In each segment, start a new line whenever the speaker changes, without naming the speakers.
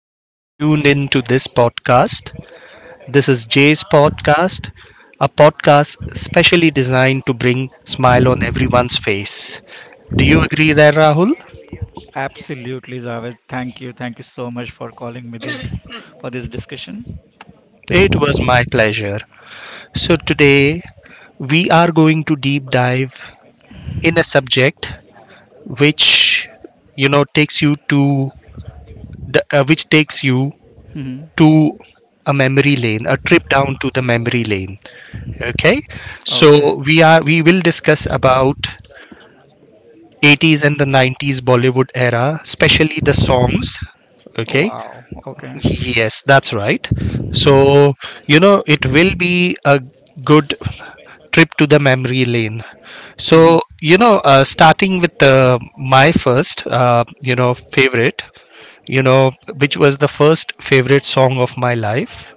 who has tuned in to this podcast. This is Jay's podcast, a podcast specially designed to bring smile on everyone's face. Do you agree there, Rahul?
Absolutely, Javed. Thank you so much for calling me this for this discussion.
It was my pleasure. So today we are going to deep dive in a subject which, you know, takes you to the, which takes you
hmm
to a memory lane, a trip down to the memory lane. Okay,
Okay.
so we will discuss about 80s and the 90s Bollywood era, especially the songs. Okay,
Wow. Okay.
yes, that's right. So you know it will be a good trip to the memory lane.
hmm
So you know, starting with my first, favorite, you know, which was the first favorite song of my life.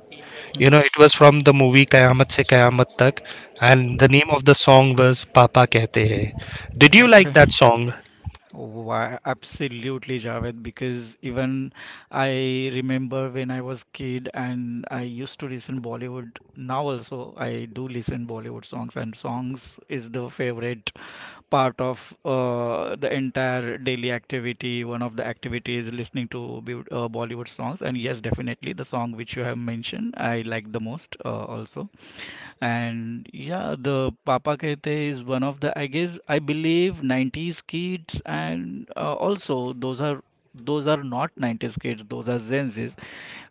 You know,
hmm
it was from the movie Kayamat Se Kayamat Tak, and the name of the song was Papa Kehte Hai. Did you like that
Okay.
song?
Why, absolutely, Javed, because even I remember when I was kid and I used to listen Bollywood. Now also I do listen Bollywood songs, and songs is the favorite part of the entire daily activity. One of the activities listening to Bollywood songs, and yes, definitely the song which you have mentioned, I like the most also. And yeah, the Papa Kehte is one of the I believe 90s kids and also those are not 90s kids, those are Gen Zs.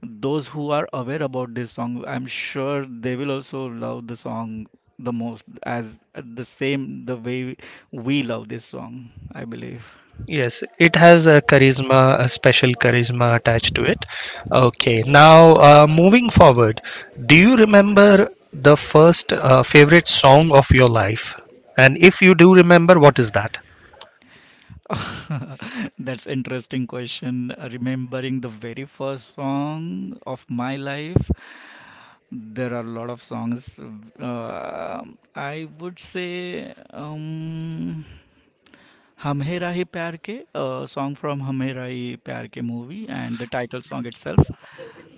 Those who are aware about this song, I'm sure they will also love the song the most as the same the way we love this song, I believe.
Yes, it has a charisma, a special charisma attached to it. Okay, now moving forward, do you remember the first favorite song of your life? And if you do remember, what is that?
That's interesting question. Remembering the very first song of my life. There are a lot of songs. Uh, I would say "Hum Hai Rahe Pyar Ke," a song from "Hum Hai Rahe Pyar Ke" movie, and the title song itself.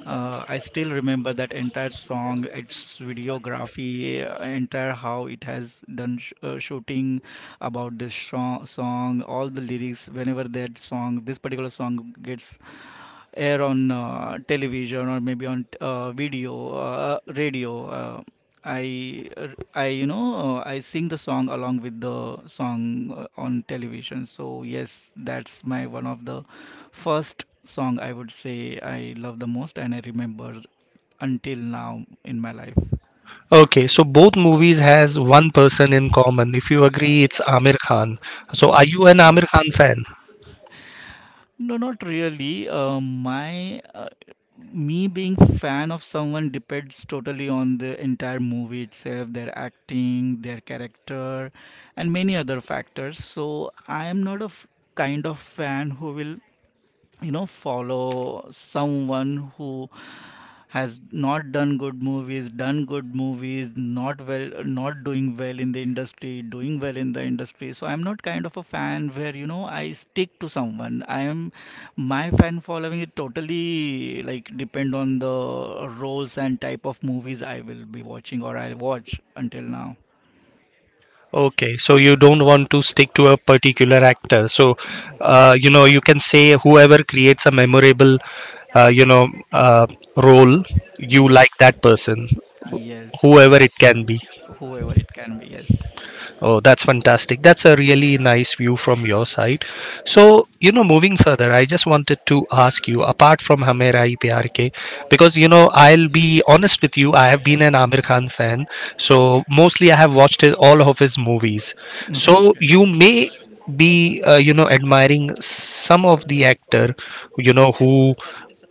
I still remember that entire song, its videography, entire how it has done shooting about this song, all the lyrics. Whenever this particular song gets air on television or maybe on video, radio. I, you know, I sing the song along with the song on television. So yes, that's my one of the first song I would say I love the most, and I remember until now in my life.
Okay, so both movies has one person in common. If you agree, it's Amir Khan. So are you an Amir Khan
Yes.
fan?
No, not really. My me being fan of someone depends totally on the entire movie itself, their acting, their character, and many other factors. So I am not kind of fan who will, you know, follow someone who has not done good movies, done good movies, not well, not doing well in the industry, doing well in the industry. So I'm not kind of a fan where, you know, I stick to someone. I am, my fan following it totally, like, depend on the roles and type of movies I will be watching or I watch until now.
Okay, so you don't want to stick to a particular actor. So, you can say whoever creates a memorable, uh, you know, uh, role, you like
yes
that person, whoever it
yes,
can be.
whoever it can be, yes.
Oh, that's fantastic. That's a really nice view from your side. So, you know, moving further, I just wanted to ask you, apart from Hame Rai Pyar Ke, because, you know, I'll be honest with you, I have been an Amir Khan fan. So, mostly I have watched all of his movies. So,
Okay.
you may be, you know, admiring some of the actor, you know, who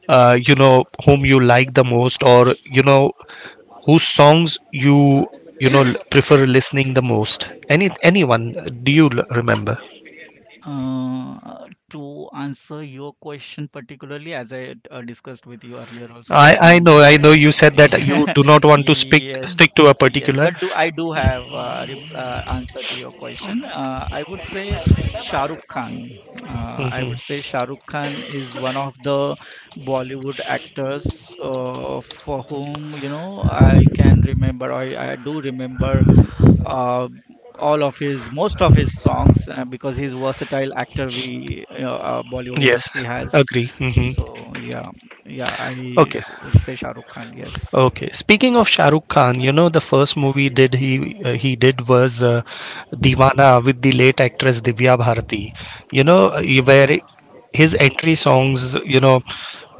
you know whom you like the most, or you know whose songs you you know prefer listening the most. Anyone do you remember?
To answer your question particularly, as I discussed with you earlier also,
i
that
i
I'm
know, I know you said that you do not want to speak
yes,
stick to a
yes,
particular.
but do I do have answer to your question. I would say Shah Rukh Khan. I
Hmm,
would say Shah Rukh Khan is one of the Bollywood actors for whom, you know, I do remember uh, all of his most of his songs because he's versatile actor we Bollywood industry
yes,
has.
agree. Hmm,
So yeah, yeah, I
okay.
would say Shah Rukh Khan. Yes.
Okay. Speaking of Shah Rukh Khan, you know the first movie did he did was Deewana with the late actress Divya Bharati. You know where his entry songs. You know,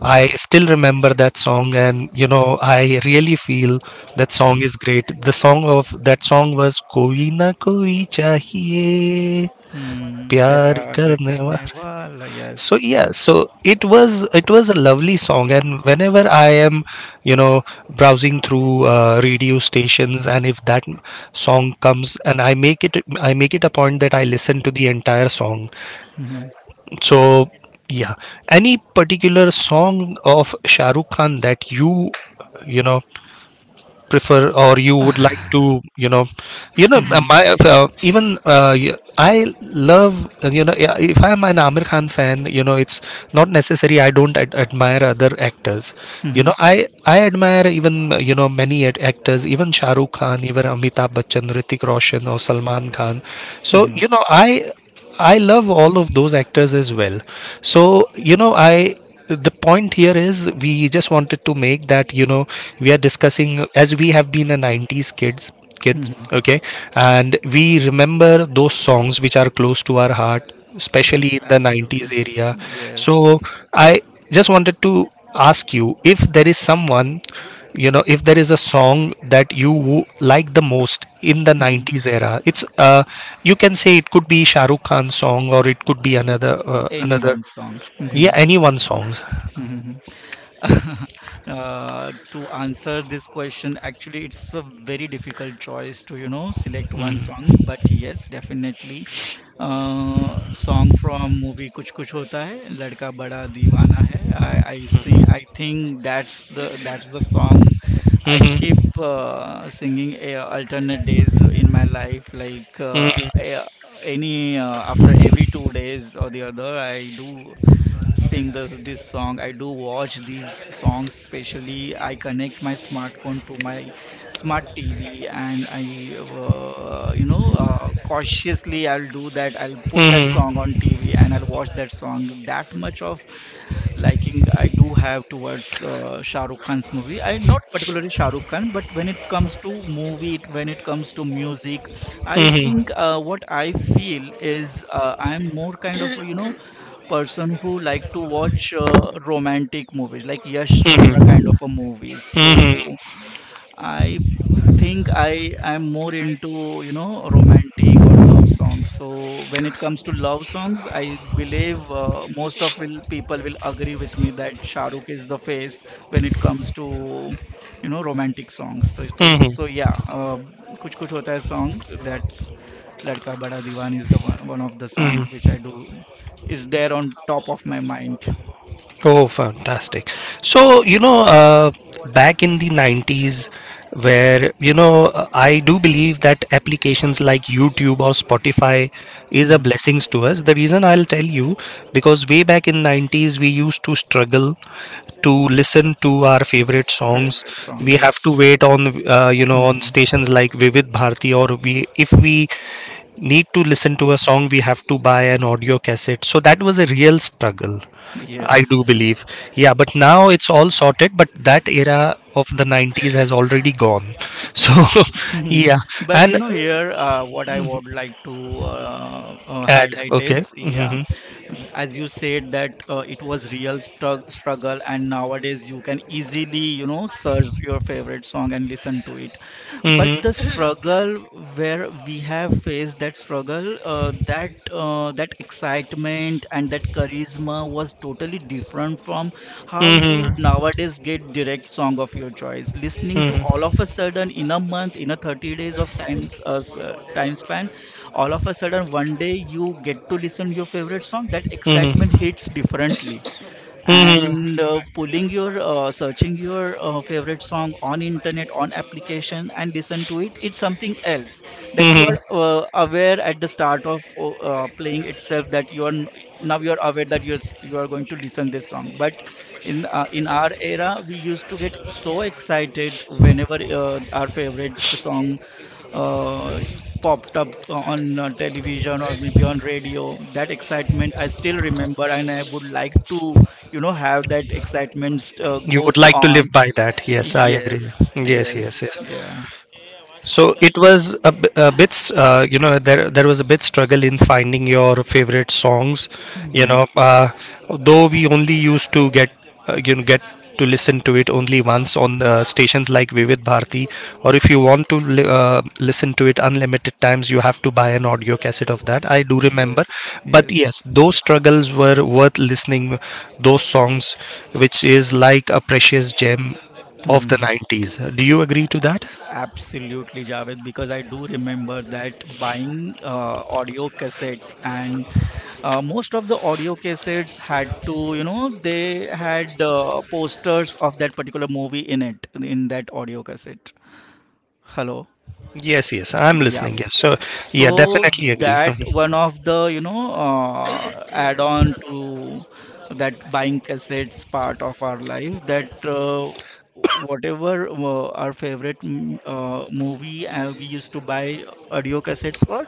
I still remember that song, and you know I really feel that song is great. The song of that song was Koi na koi chahiye
Hmm.
pyar
प्यार
karne wala.
करने Wala. Yes.
So yeah, so it was, it was a lovely song, and whenever I am, you know, browsing through radio stations, and if that song comes, and I make it I make it a point that I listen to the entire song.
Mhm,
So yeah, any particular song of Shahrukh Khan that you know, prefer or you would like to, you know? You know,
mhm,
my even y- I love you know. Yeah, if I'm an Amir Khan fan, you know, it's not necessary I don't admire other actors. You
mhm,
know, I admire even, you know, many actors, even Shah Rukh Khan, even Amitabh Bachchan, Ritik Roshan, or Salman Khan. So
mhm,
you know, I love all of those actors as well. So, you know, I, the point here is we just wanted to make that you know we are discussing as we have been a 90s kids,
mhm.
okay, and we remember those songs which are close to our heart, especially
Yes,
in the
absolutely.
90s area. So
Yes.
I just wanted to ask you, if there is someone, you know, if there is a song that you like the most in the
Mhm.
90s era. It's you can say it could be Shah Rukh Khan's song, or it could be another.
Anyone's song.
Yeah,
Mhm,
anyone songs.
mhm. Uh, to answer this question, actually, it's a very difficult choice to, you know, select one song. But yes, definitely, song from movie Kuch Kuch Hota Hai, Ladka Bada Deewana Hai. I sing. I think that's the song I keep
Mm-hmm.
singing alternate days in my life.
Mm-hmm.
Any after every 2 days or the other, I do sing this song. I do watch these songs. Especially, I connect my smartphone to my smart TV and I you know, cautiously I'll do that. I'll put that song
Mm-hmm.
on TV and I'll watch that song. That much of liking I do have towards Shah Rukh Khan's movie. I not particularly Shah Rukh Khan, but when it comes to music, I
Mm-hmm.
think what I feel is I'm more kind of, you know, person who like to watch romantic movies, like Yash Chopra
Mm-hmm.
kind of a movies.
Mm-hmm.
So I think I am more into, you know, romantic or love songs. So when it comes to love songs, I believe most of will people will agree with me that Shah Rukh is the face when it comes to, you know, romantic songs. So yeah, Kuch Kuch Hota Hai song, that's Ladka Bada Diwan is one of the song which
Mm-hmm.
I do is there on top of my mind.
Oh, fantastic. So, you know, back in the 90s, where, you know, I do believe that applications like YouTube or Spotify is a
Mhm.
blessings to us. The reason I'll tell you, because way back in 90s, we used to struggle to listen to our favorite songs.
Favorite song,
We have to
yes.
wait on, you know, on
Hmm.
stations like Vivid Bharti, or we, if we need to listen to a song, we have to buy an audio cassette. So that was a real struggle, I do
Yes.
believe. Yeah, but now it's all sorted, but that era of the 90s has already gone. So,
Mhm.
yeah.
But you
And
know, here what I would like to
ad,
highlight
okay.
is, yeah,
Hmm.
w- as you said that it was real struggle, and nowadays you can easily, you know, search your favorite song and listen to it. But
Hmm.
the struggle where we have faced that struggle, that excitement and that charisma was totally different from how you
Hmm.
nowadays get direct song of your choice, listening to all
Hmm.
of a sudden in a month, in a 30 days of times time span. All of a sudden one day you get to listen your favorite song, that
Hmm.
excitement hits differently.
Hmm.
And pulling your searching your favorite song on internet, on application, and listen to it, it's something else, that you
Hmm.
are aware at the start of playing itself that you are now you are aware that you are, you are going to listen this song. But in our era we used to get so excited whenever our favorite song uh, popped up on television or maybe on radio. That excitement I still remember, and I would like to, you know, have that excitement
You would
goes
like to live
on.
by that. Yes, I agree. Yes, yes,
Yes
yes.
yeah.
So it was a, a bit, you know, there was a bit struggle in finding your favorite songs. You
Mhm.
know, though we only used to get, you know, get to listen to it only once on stations like Vivid Bharti, or if you want to listen to it unlimited times, you have to buy an audio cassette of that. I do remember, but yes,
Yes.
those struggles were worth listening. Those songs, which is like a precious gem of the
Mhm.
90s. Do you agree
A-
to that?
Absolutely, Javed, because I do remember that buying audio cassettes and most of the audio cassettes had to, you know, they had posters of that particular movie in it, in that audio cassette. Hello?
Yes, yes, I'm
Yeah,
listening. Yes, so yeah,
so
definitely agree.
that one of the, you know, add on to that buying cassettes part of our life, that whatever our favorite mm, movie we used to buy audio cassettes for,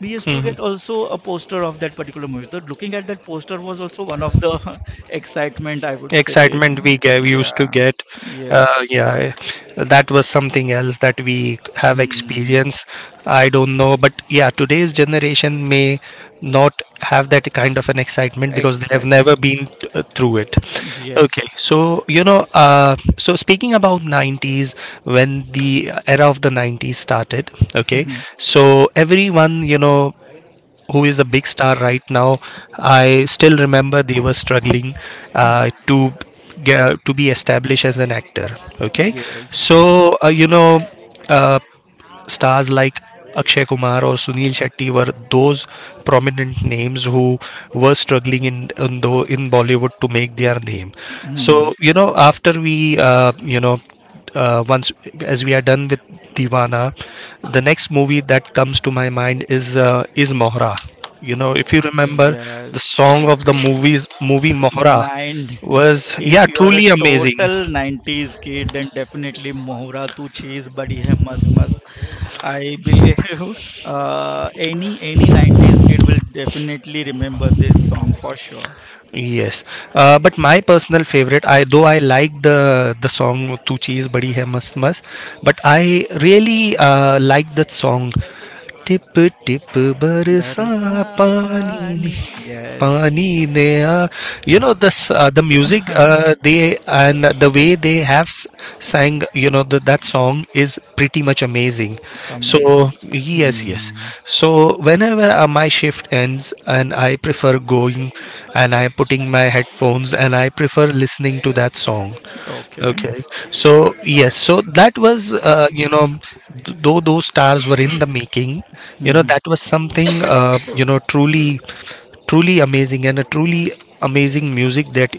we used to
Hmm.
get also a poster of that particular movie. So looking at that poster was also one of the excitement, I would say.
Excitement we used to
Yeah.
get,
Yes.
yeah, that was something else that we have
Hmm.
experienced. I don't know, but yeah, today's generation may not have that kind of an excitement because they have never
Excitement.
been through it. Okay,
Yes.
so you know, so speaking about 90s, when the era of the 90s started, okay,
Mhm.
so everyone, you know, who is a big star right now. I still remember they were struggling
Mhm.
to get, to be established as an actor. Okay,
Yes.
so you know. Uh, stars like Akshay Kumar or Sunil Shetty were those prominent names who were struggling in Bollywood to make their name.
Hmm.
So you know, after we you know once, as we are done with Divana, the next movie that comes to my mind is Mohra. You know,
Oh,
if you remember, the
yes.
song of the movie Mohra
Nine.
was
If
yeah
you are a
truly amazing.
total 90s kid, then definitely Mohra Tu Cheez Badi Hai Mast Mast, I believe. Uh, any 90s kid will definitely remember this song for sure.
Yes, but my personal favorite, I though I like the song "Tu Cheez Badi Hai Mast Mast," but I really like that song टिप टिप
That is
बरसा
a
पानी ने
funny.
पानी
Yes.
ने you know this the music, the way they have sang, you know that song is pretty much amazing. So
Amazing.
yes, yes,
Hmm.
so whenever my shift ends, and I prefer going and I putting my headphones and I prefer listening to that song.
Okay.
Okay, so yes, so that was, you know, though those stars were in the making, you know,
hmm
that was something, you know, truly, truly amazing and a truly amazing music that,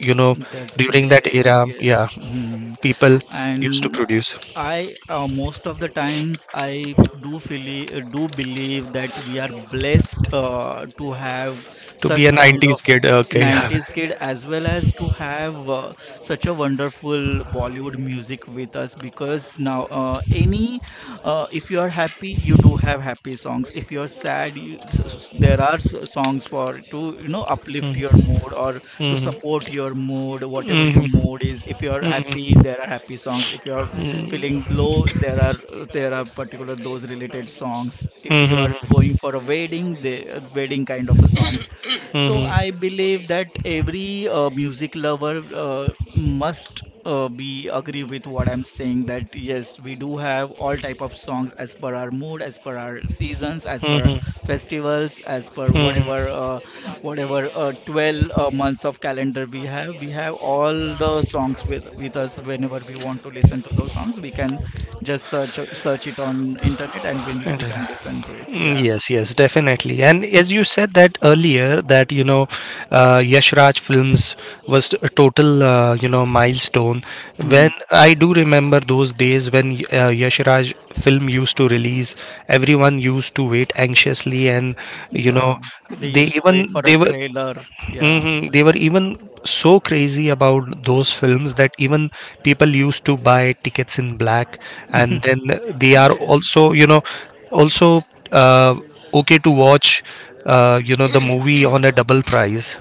you know,
That
during that
they
era, yeah,
yes. Hmm.
people used to
And
produce.
I most of the times I do feel, do believe that we are blessed to have
To be
such
a
kind
90s
of
kid, okay.
90s kid, as well as to have such a wonderful Bollywood music with us, because now any if you are happy you do have happy songs, if you are sad there are songs for to, you know, uplift your mood or to support your mood. Whatever your mood is, if you are happy
Mm-hmm.
there are happy songs, if you are feeling low there are particular those related songs, if you are going for a wedding, the wedding kind of a songs. So
Mm-hmm.
I believe that every music lover uh, must be agree with what I'm saying that yes, we do have all type of songs as per our mood, as per our seasons, as per
Mm-hmm.
our
Mm-hmm.
festivals, as per whatever 12 months of calendar we have, we have all the songs with us. Whenever we want to listen to those songs, we can just search it on internet, and we can
Mm-hmm.
listen to it. Yeah.
Mm, yes, yes, definitely. And as you said that earlier, that you know, Yash Raj Films was a total you know milestone. When
Mhm.
I do remember those days when Yash Raj film used to release, everyone used to wait anxiously, and you
Yeah,
know,
they
they
used to wait for
even they
a
were.
trailer. Yeah.
Hmm. They were even so crazy about those films that even people used to buy tickets in black, and then they are
yes
also, you know, also uh, okay to watch, you know, the movie on a double price.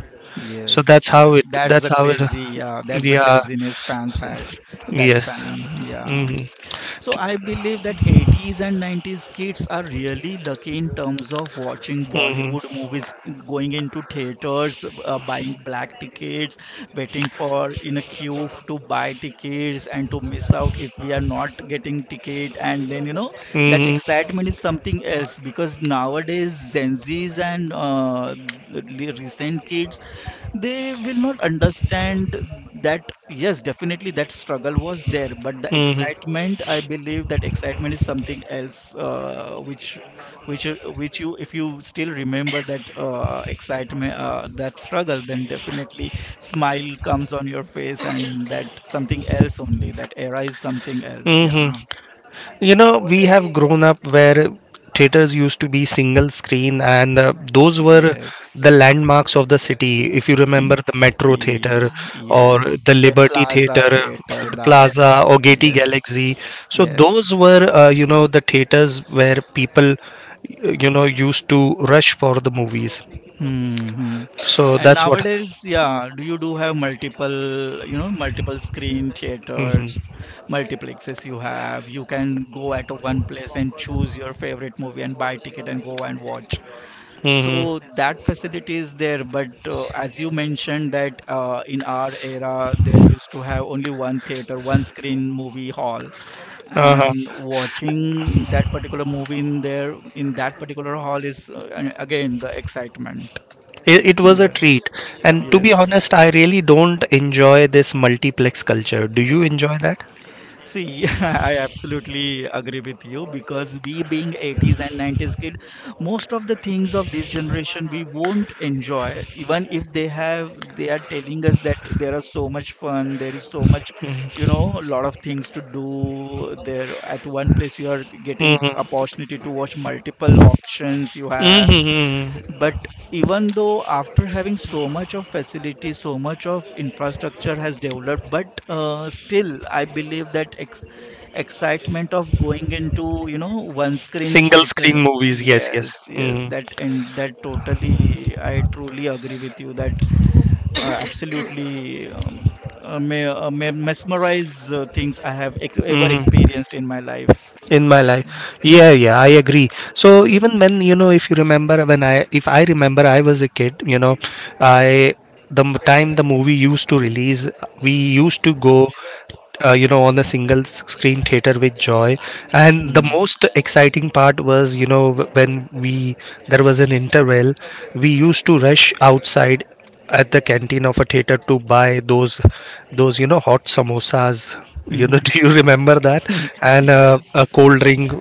So that's how
yes,
it.
that's
That's
the
how it.
crazy, yeah, that's the
Yeah.
craziness fans had that
Yes.
time. Yeah. So I believe that 80s and 90s kids are really lucky in terms of watching
Hmm.
Bollywood movies, going into theaters, buying black tickets, waiting for in a queue to buy tickets, and to miss out if we are not getting ticket. And then, you know, that
Hmm.
excitement is something else, because nowadays Gen Zs and l- recent kids, they will not understand that. Yes, definitely that struggle was there, but the
Hmm.
excitement, I believe that excitement is something else, which you, if you still remember that excitement, that struggle, then definitely smile comes on your face, and that something else, only that era is something else,
Hmm.
yeah.
You know, we have grown up where theaters used to be single screen, and those were the
Yes.
landmarks of the city. If you remember the Metro Theater or
Yes,
the
then
Liberty
Plaza
Theater,
theater,
the
the other,
Plaza or Getty
yes,
Galaxy. So, those
yes.
were, you know, the theaters where people, you know, used to rush for the movies.
Mhm.
So,
And
that's what.
nowadays, yeah, do you do have multiple, you know, multiple screen
Hmm.
theaters, multiplexes you have. You can go at a one place and choose your favorite movie and buy ticket and go and watch.
Hmm.
So that facility is there. But as you mentioned that in our era, there used to have only one theater, one screen movie hall,
Uh-huh.
and watching that particular movie in there, in that particular hall is again the excitement.
It was a
Yes,
treat. And to be
yes.
honest, I really don't enjoy this multiplex culture. Do you enjoy that?
See, I absolutely agree with you because we being 80s and 90s kid, most of the things of this generation we won't enjoy, even if they are telling us that there are so much fun, there is so much, you know, lot of things to do. There at one place you are getting
Mm-hmm.
opportunity to watch multiple options you have.
Mm-hmm.
But even though after having so much of facility, so much of infrastructure has developed, but still I believe that excitement of going into you know one screen
Single screen
theater.
movies. Yes, yes.
Yes, yes,
Mm-hmm.
that and that totally. I truly agree with you that absolutely. Mesmerize things I have ever
Mm-hmm.
experienced in my life.
In my
Yeah.
life. Yeah, yeah, I agree. So even when you know if you remember, when I if I remember, I was a kid, you know I the time the movie used to release, we used to go, on a single screen theater with joy. And the most exciting part was, when we, there was an interval, we used to rush outside at the canteen of a theater to buy those hot samosas, you know,
Mhm.
do you remember that? And a
Yes.
cold drink.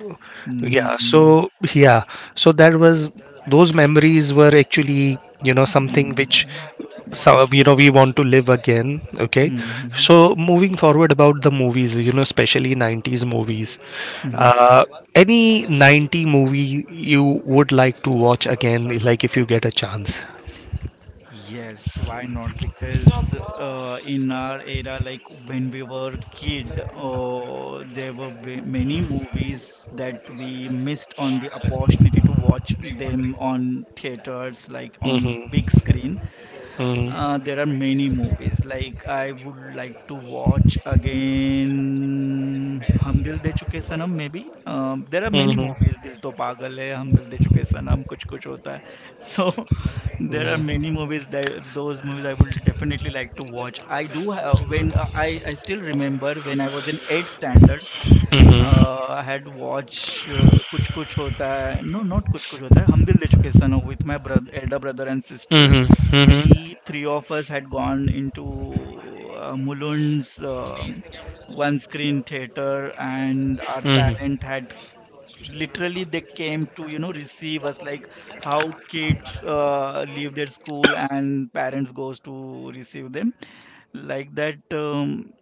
Yeah,
Mhm.
so yeah, so that was, those memories were actually, you know, something which,
Mm,
so you know,
yes.
we want to live again. Okay,
Mm-hmm.
so moving forward about the movies, you know, especially 90s movies,
Mm-hmm.
uh, any 90 movie you would like to watch again, like if you get a chance?
Yes, why not? Because in our era, like when we were kid, many movies that we missed on the opportunity to watch them on theaters, like on big
Hmm.
screen.
Mm-hmm.
There are many movies. Like I would like to watch again Hum Dil De Chuke Sanam maybe. There are many movies. Dil To Pagal Hai, Hum Dil De Chuke Sanam, Kuch Kuch Hota Hai. So there are many movies that those movies I would definitely like to watch. I do have, when I still remember when I was in eighth standard.
Mm-hmm.
I had watched Kuch Kuch Hota Hai. No, not Kuch Kuch Hota Hai. Hum Dil De Chuke Sano with my brother, elder brother and sister.
Hmm. Hmm.
We three of us had gone into Mulund's one screen theater, and our parent had literally they came to you know receive us like how kids leave their school and parents goes to receive them like that.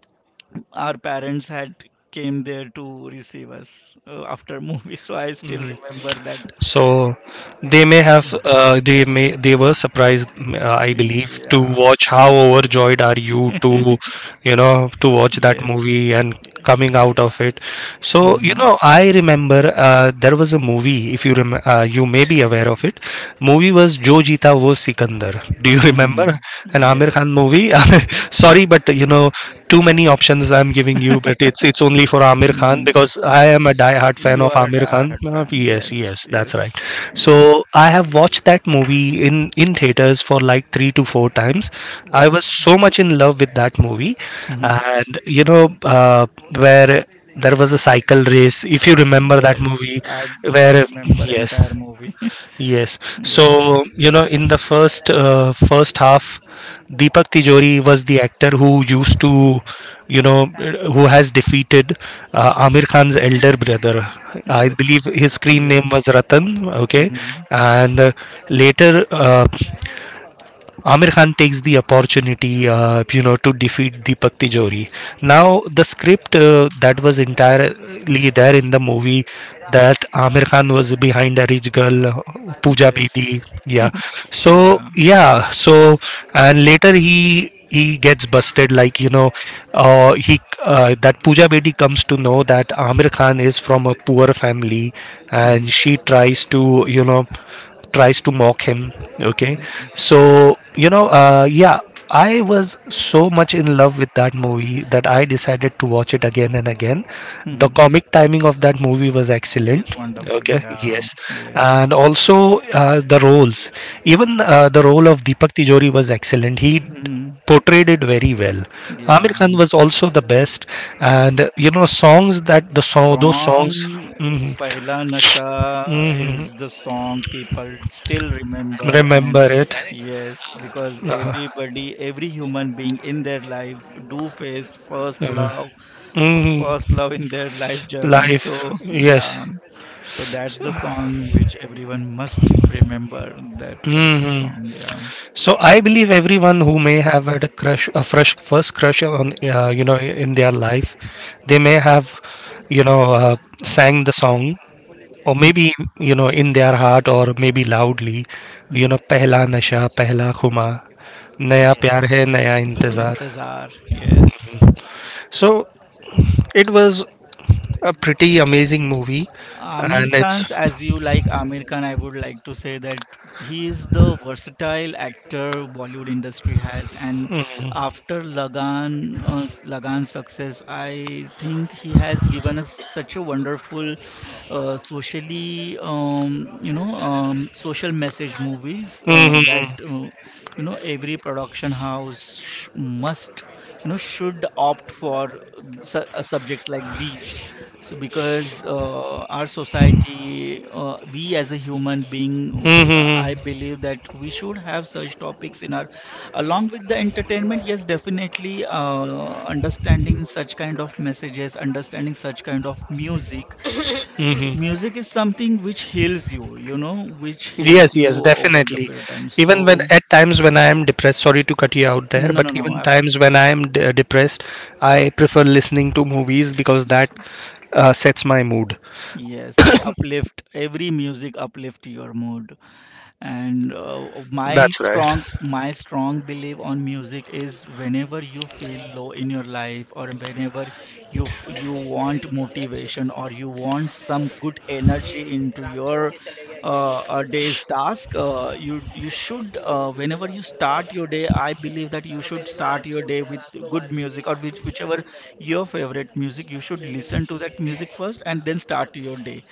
Our parents had came there to receive us after movie. So I still remember that.
So they may have they were surprised, I believe, to
Yeah.
watch how overjoyed are you to, you know, to watch that
Yes.
movie and coming
Yeah.
out of it. So you
Hmm.
know, I remember there was a movie, if you you may be aware of it. Movie was Jo Jeeta Wo Sikandar. Do you remember,
Hmm.
an Amir Khan
Yes.
movie? Sorry, but you know, too many options I'm giving you, but it's only for Amir Khan
Mm,
because I am a die-hard fan
you
of
are a
Amir Khan.
diehard fan.
Yes,
Yes,
yes, that's right.
yes, yeah.
So I have watched that movie in theaters for like three to four times. I
Oh.
was so much in love with that movie,
Hmm.
and you know, uh, where there was a cycle race. If you remember that
Yes,
movie,
I do
where,
remember
yes,
entire movie.
yes.
Yeah.
So, you know, in the first half, Deepak Tijori was the actor who used to, you know, who has defeated Amir Khan's elder brother. I believe
Yes.
his screen name was
Yes.
Ratan. Okay,
Hmm.
and later. Amir Khan takes the opportunity, you know, to defeat Deepak Tijori. Now, the script that was entirely there in the movie, that Amir Khan was behind a rich girl, Pooja Bedi,
Yes.
yeah. So
Yeah.
yeah, so, and later he gets busted, like you know, he that Pooja Bedi comes to know that Amir Khan is from a poor family, and
Hmm.
she tries to, you know, tries to mock him. Okay, so you know, yeah, I was so much in love with that movie that I decided to watch it again and again. The
Hmm.
comic timing of that movie was
It's
excellent.
wonderful,
Okay,
yeah.
yes. And
Yes.
also the roles, even the role of Deepak Tijori was excellent, he
Mhm.
portrayed it very well. Amir
Yeah.
Khan was also the best. And you know, songs that the song those songs.
Song
Mhm,
Pehla Nasha is the song people still remember. And
remember it.
yes, because everybody, every human being in their life do face first love,
Mhm.
first love in their life journey,
Life,
so yeah.
yes.
So that's the song which everyone must remember, that particular
Hmm.
song, yeah.
So I believe everyone who may have had a crush, a fresh first crush on, you know, in their life, they may have, you know, sang the song, or maybe, you know, in their heart, or maybe loudly, you know,
Mhm.
"Pehla Nasha, Pehla Khuma, Naya Pyar
Yes.
Hai, Naya Intezar."
Intezar, yes.
So it was a pretty amazing movie,
Amir
and it's.
Khan's, as you like Amir Khan, I would like to say that he is the versatile actor Bollywood industry has, and after Lagan, Lagan's success, I think he has given us such a wonderful socially, social message movies
Hmm.
that you know every production house must, you know, should opt for subjects like these. So because our society, we as a human being,
Hmm.
I believe that we should have such topics in our, along with the entertainment. Yes, definitely. Understanding such kind of messages, understanding such kind of music.
Hmm.
Music is something which heals you, you know, which heals
Yes,
you
yes,
over the
definitely.
period of time.
Even when
So,
at times when I am depressed, sorry to cut you out there,
no, no,
but
no,
even times
absolutely.
when I am depressed, I prefer listening to movies because that sets my mood.
Yes, that uplift, every music uplift your mood. And
That's right.
my strong belief on music is whenever you feel low in your life or whenever you want motivation or you want some good energy into your day's task, you should, whenever you start your day, I believe that you should start your day with good music or which, whichever your favorite music you should listen to that music first and then start your day.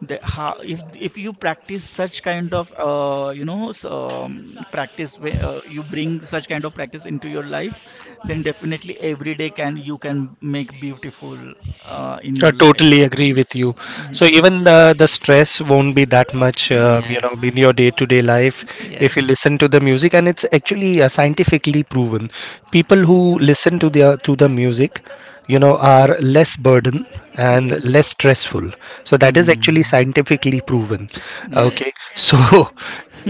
The, how, if you practice such kind of practice where, you bring such kind of practice into your life, then definitely every day can, you can make beautiful in
I
your life,
totally
I
agree
mean,
with you. So even
yes.
the stress won't be that much, you know,
Yes.
in your day to day life, if you listen to
Yes.
the music. And it's actually scientifically proven. People who listen to the music, you know, are less burden and less
Yes.
stressful. So that is actually
Hmm.
scientifically proven. Okay, so.
Yes.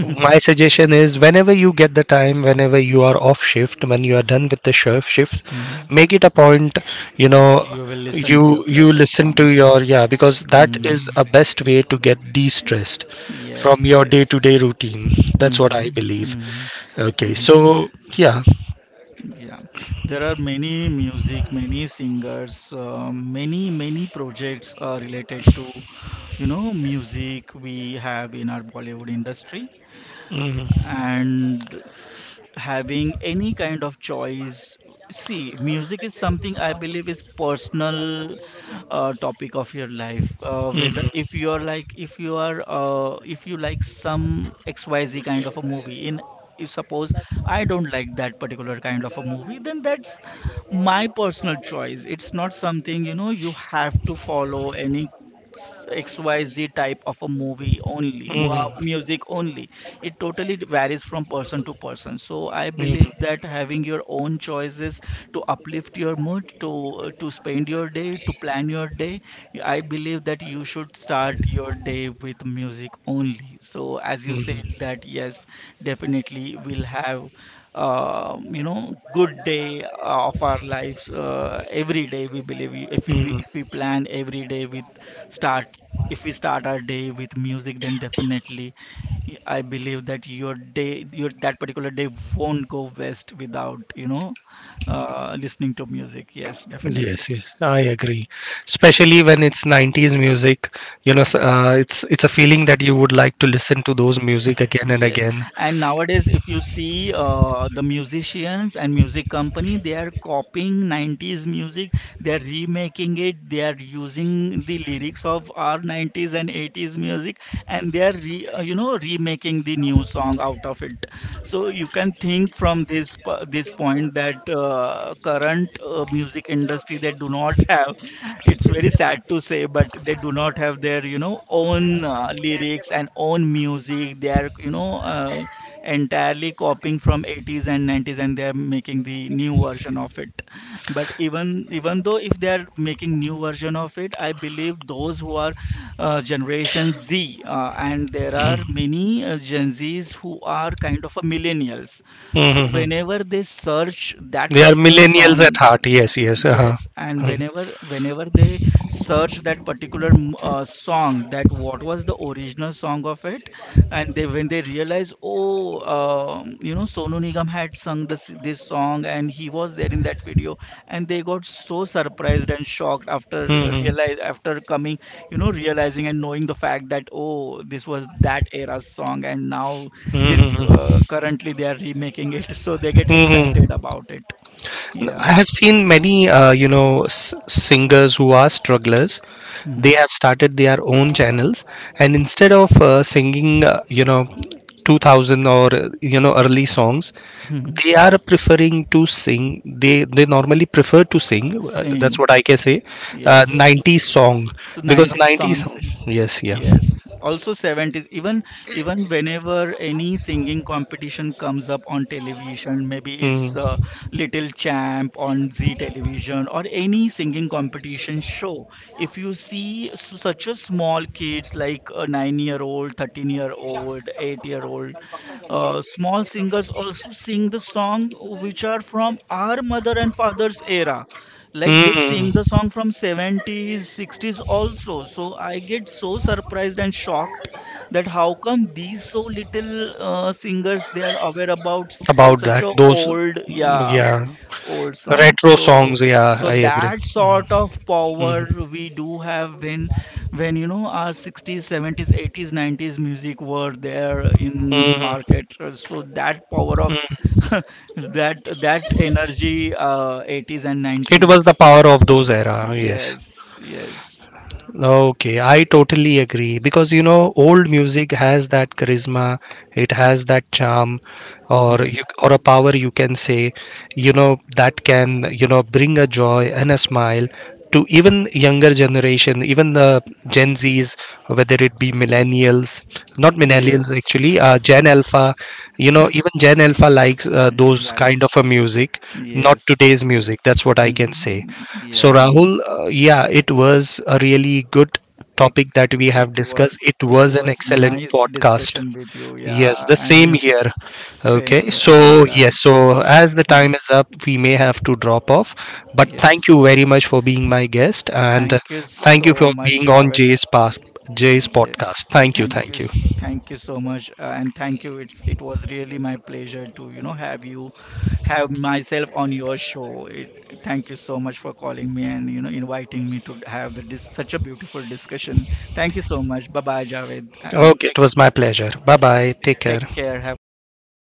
My suggestion is, whenever you get the time, whenever you are off shift, when you are done with the shift,
Hmm.
make it a point, you
That
know,
you will listen to your
you
favorite
listen to
songs.
your, yeah, because that is
Hmm.
a best way to get de-stressed from
Yes,
your
yes.
day-to-day routine. That's what I
Mhm,
believe.
mhm,
Okay,
mhm.
so yeah.
Yeah, there are many music, many singers, many projects related to you know music we have in our Bollywood industry,
Mhm,
and having any kind of choice. See, music is something I believe is personal topic of your life, whether
mhm,
if you are like if you are if you like some xyz kind of a movie, in if suppose I don't like that particular kind of a movie, then that's my personal choice. It's not something, you know, you have to follow any xyz type of a movie only,
mhm,
music only. It totally varies from person to person. So I
mhm,
believe that having your own choices to uplift your mood, to spend your day, to plan your day, I believe that you should start your day with music only. So as you said
mhm,
that, yes, definitely we'll have you know good day of our lives every day we believe we-
mhm.
if we plan every day with start, if we start our day with music, then definitely I believe that your day, your that particular day won't go west without you know listening to music, yes definitely.
Yes, yes, I agree, especially when it's 90s music. You know, it's a feeling that you would like to listen to those music again and
Yes,
again.
and nowadays, if you see the musicians and music company, they are copying 90s music, they are remaking it, they are using the lyrics of our 90s and 80s music, and they are re, you know remaking the new song out of it. So you can think from this this point that current music industry, they do not have, it's very sad to say, but they do not have their, you know, own lyrics and own music. They are, you know, entirely copying from 80s and 90s, and they are making the new version of it. But even though if they are making new version of it, I believe those who are Generation Z, and there are
Mm.
many Gen Zs who are kind of a millennials.
Mm-hmm.
So
Mm-hmm.
whenever they search that
They are
particular
millennials at
song,
heart, yes, yes, uh-huh.
yes, and whenever they search that particular song, that what was the original song of it, and they when they realize, oh, you know, Sonu Nigam had sung this song, and he was there in that video, and they got so surprised and shocked after
Mhm.
realize, after coming, you know, realizing and knowing the fact that oh, this was that era's song, and now this
Mm-hmm.
currently they are remaking it, so they get
Mm-hmm.
excited about it.
I
Yeah.
have seen many, you know, singers who are strugglers.
Hmm.
They have started their own channels, and instead of singing, you know, 2000 or you know, early songs,
Mhm.
they are preferring to sing. They normally prefer to sing. That's
Sing,
what I can say.
yes.
90s song,
So
because
90s
90s.
songs,
Yes, yeah.
yes. Also 70s, even even whenever any singing competition comes up on television, maybe it's
Mm-hmm.
Little Champ on Z television or any singing competition show. If you see such a small kids like a 9 year old, 13-year-old, 8 year old, small singers also sing the song which are from our mother and father's era, like they sing the
Mm-hmm.
song from 70s, 60s also. So I get so surprised and shocked that how come these so little singers, they are aware about
About
such
that,
a
those.
old, yeah,
Yeah.
old songs.
Retro
So
songs, yeah,
so
I agree.
that
Mhm,
sort of
mhm,
power we do have when you know our 60s, 70s, 80s, 90s music were there in the
mhm,
market. So that power of
mhm.
that that energy 80s and
It was the
90s.
power of those era, yes.
Yes, yes.
Okay, I totally agree, because you know, old music has that charisma, it has that charm, or
Mhm.
you, or a power you can say, you know, that can, you know, bring a joy and a smile to even younger generation, even the Gen Zs, whether it be millennials, not millennials
Yes.
actually, Gen Alpha, you know, even Gen Alpha likes
He
those kind of
likes.
a music, not
Yes,
today's music.
yes.
That's what I can say.
Mhm.
So,
Yeah.
Rahul, yeah, it was a really good
Ec-
topic that we have
It
discussed.
was,
It
it
was an
was
excellent
nice
podcast.
discussion with you,
Yes,
yeah,
the
and
same
music.
here.
Same
Okay,
here,
so yes,
Javed.
so as the time
Mhm.
is up, we may have to drop off. But thank
Yes.
you very much for being my guest, and
Thank you
thank you
so
for
much,
being on
Javed.
Jay's
Yeah.
podcast. Thank you,
Thank you,
thank you.
thank you so much, and thank you. It was really my pleasure to you know have you, have myself on your show. It, thank you so much for calling me and you know inviting me to have the dis such a beautiful discussion. Thank you so much. Bye bye, Javed.
Okay, it was my pleasure. Bye bye. Take
Take
care.
care. Have a nice day. Bye bye.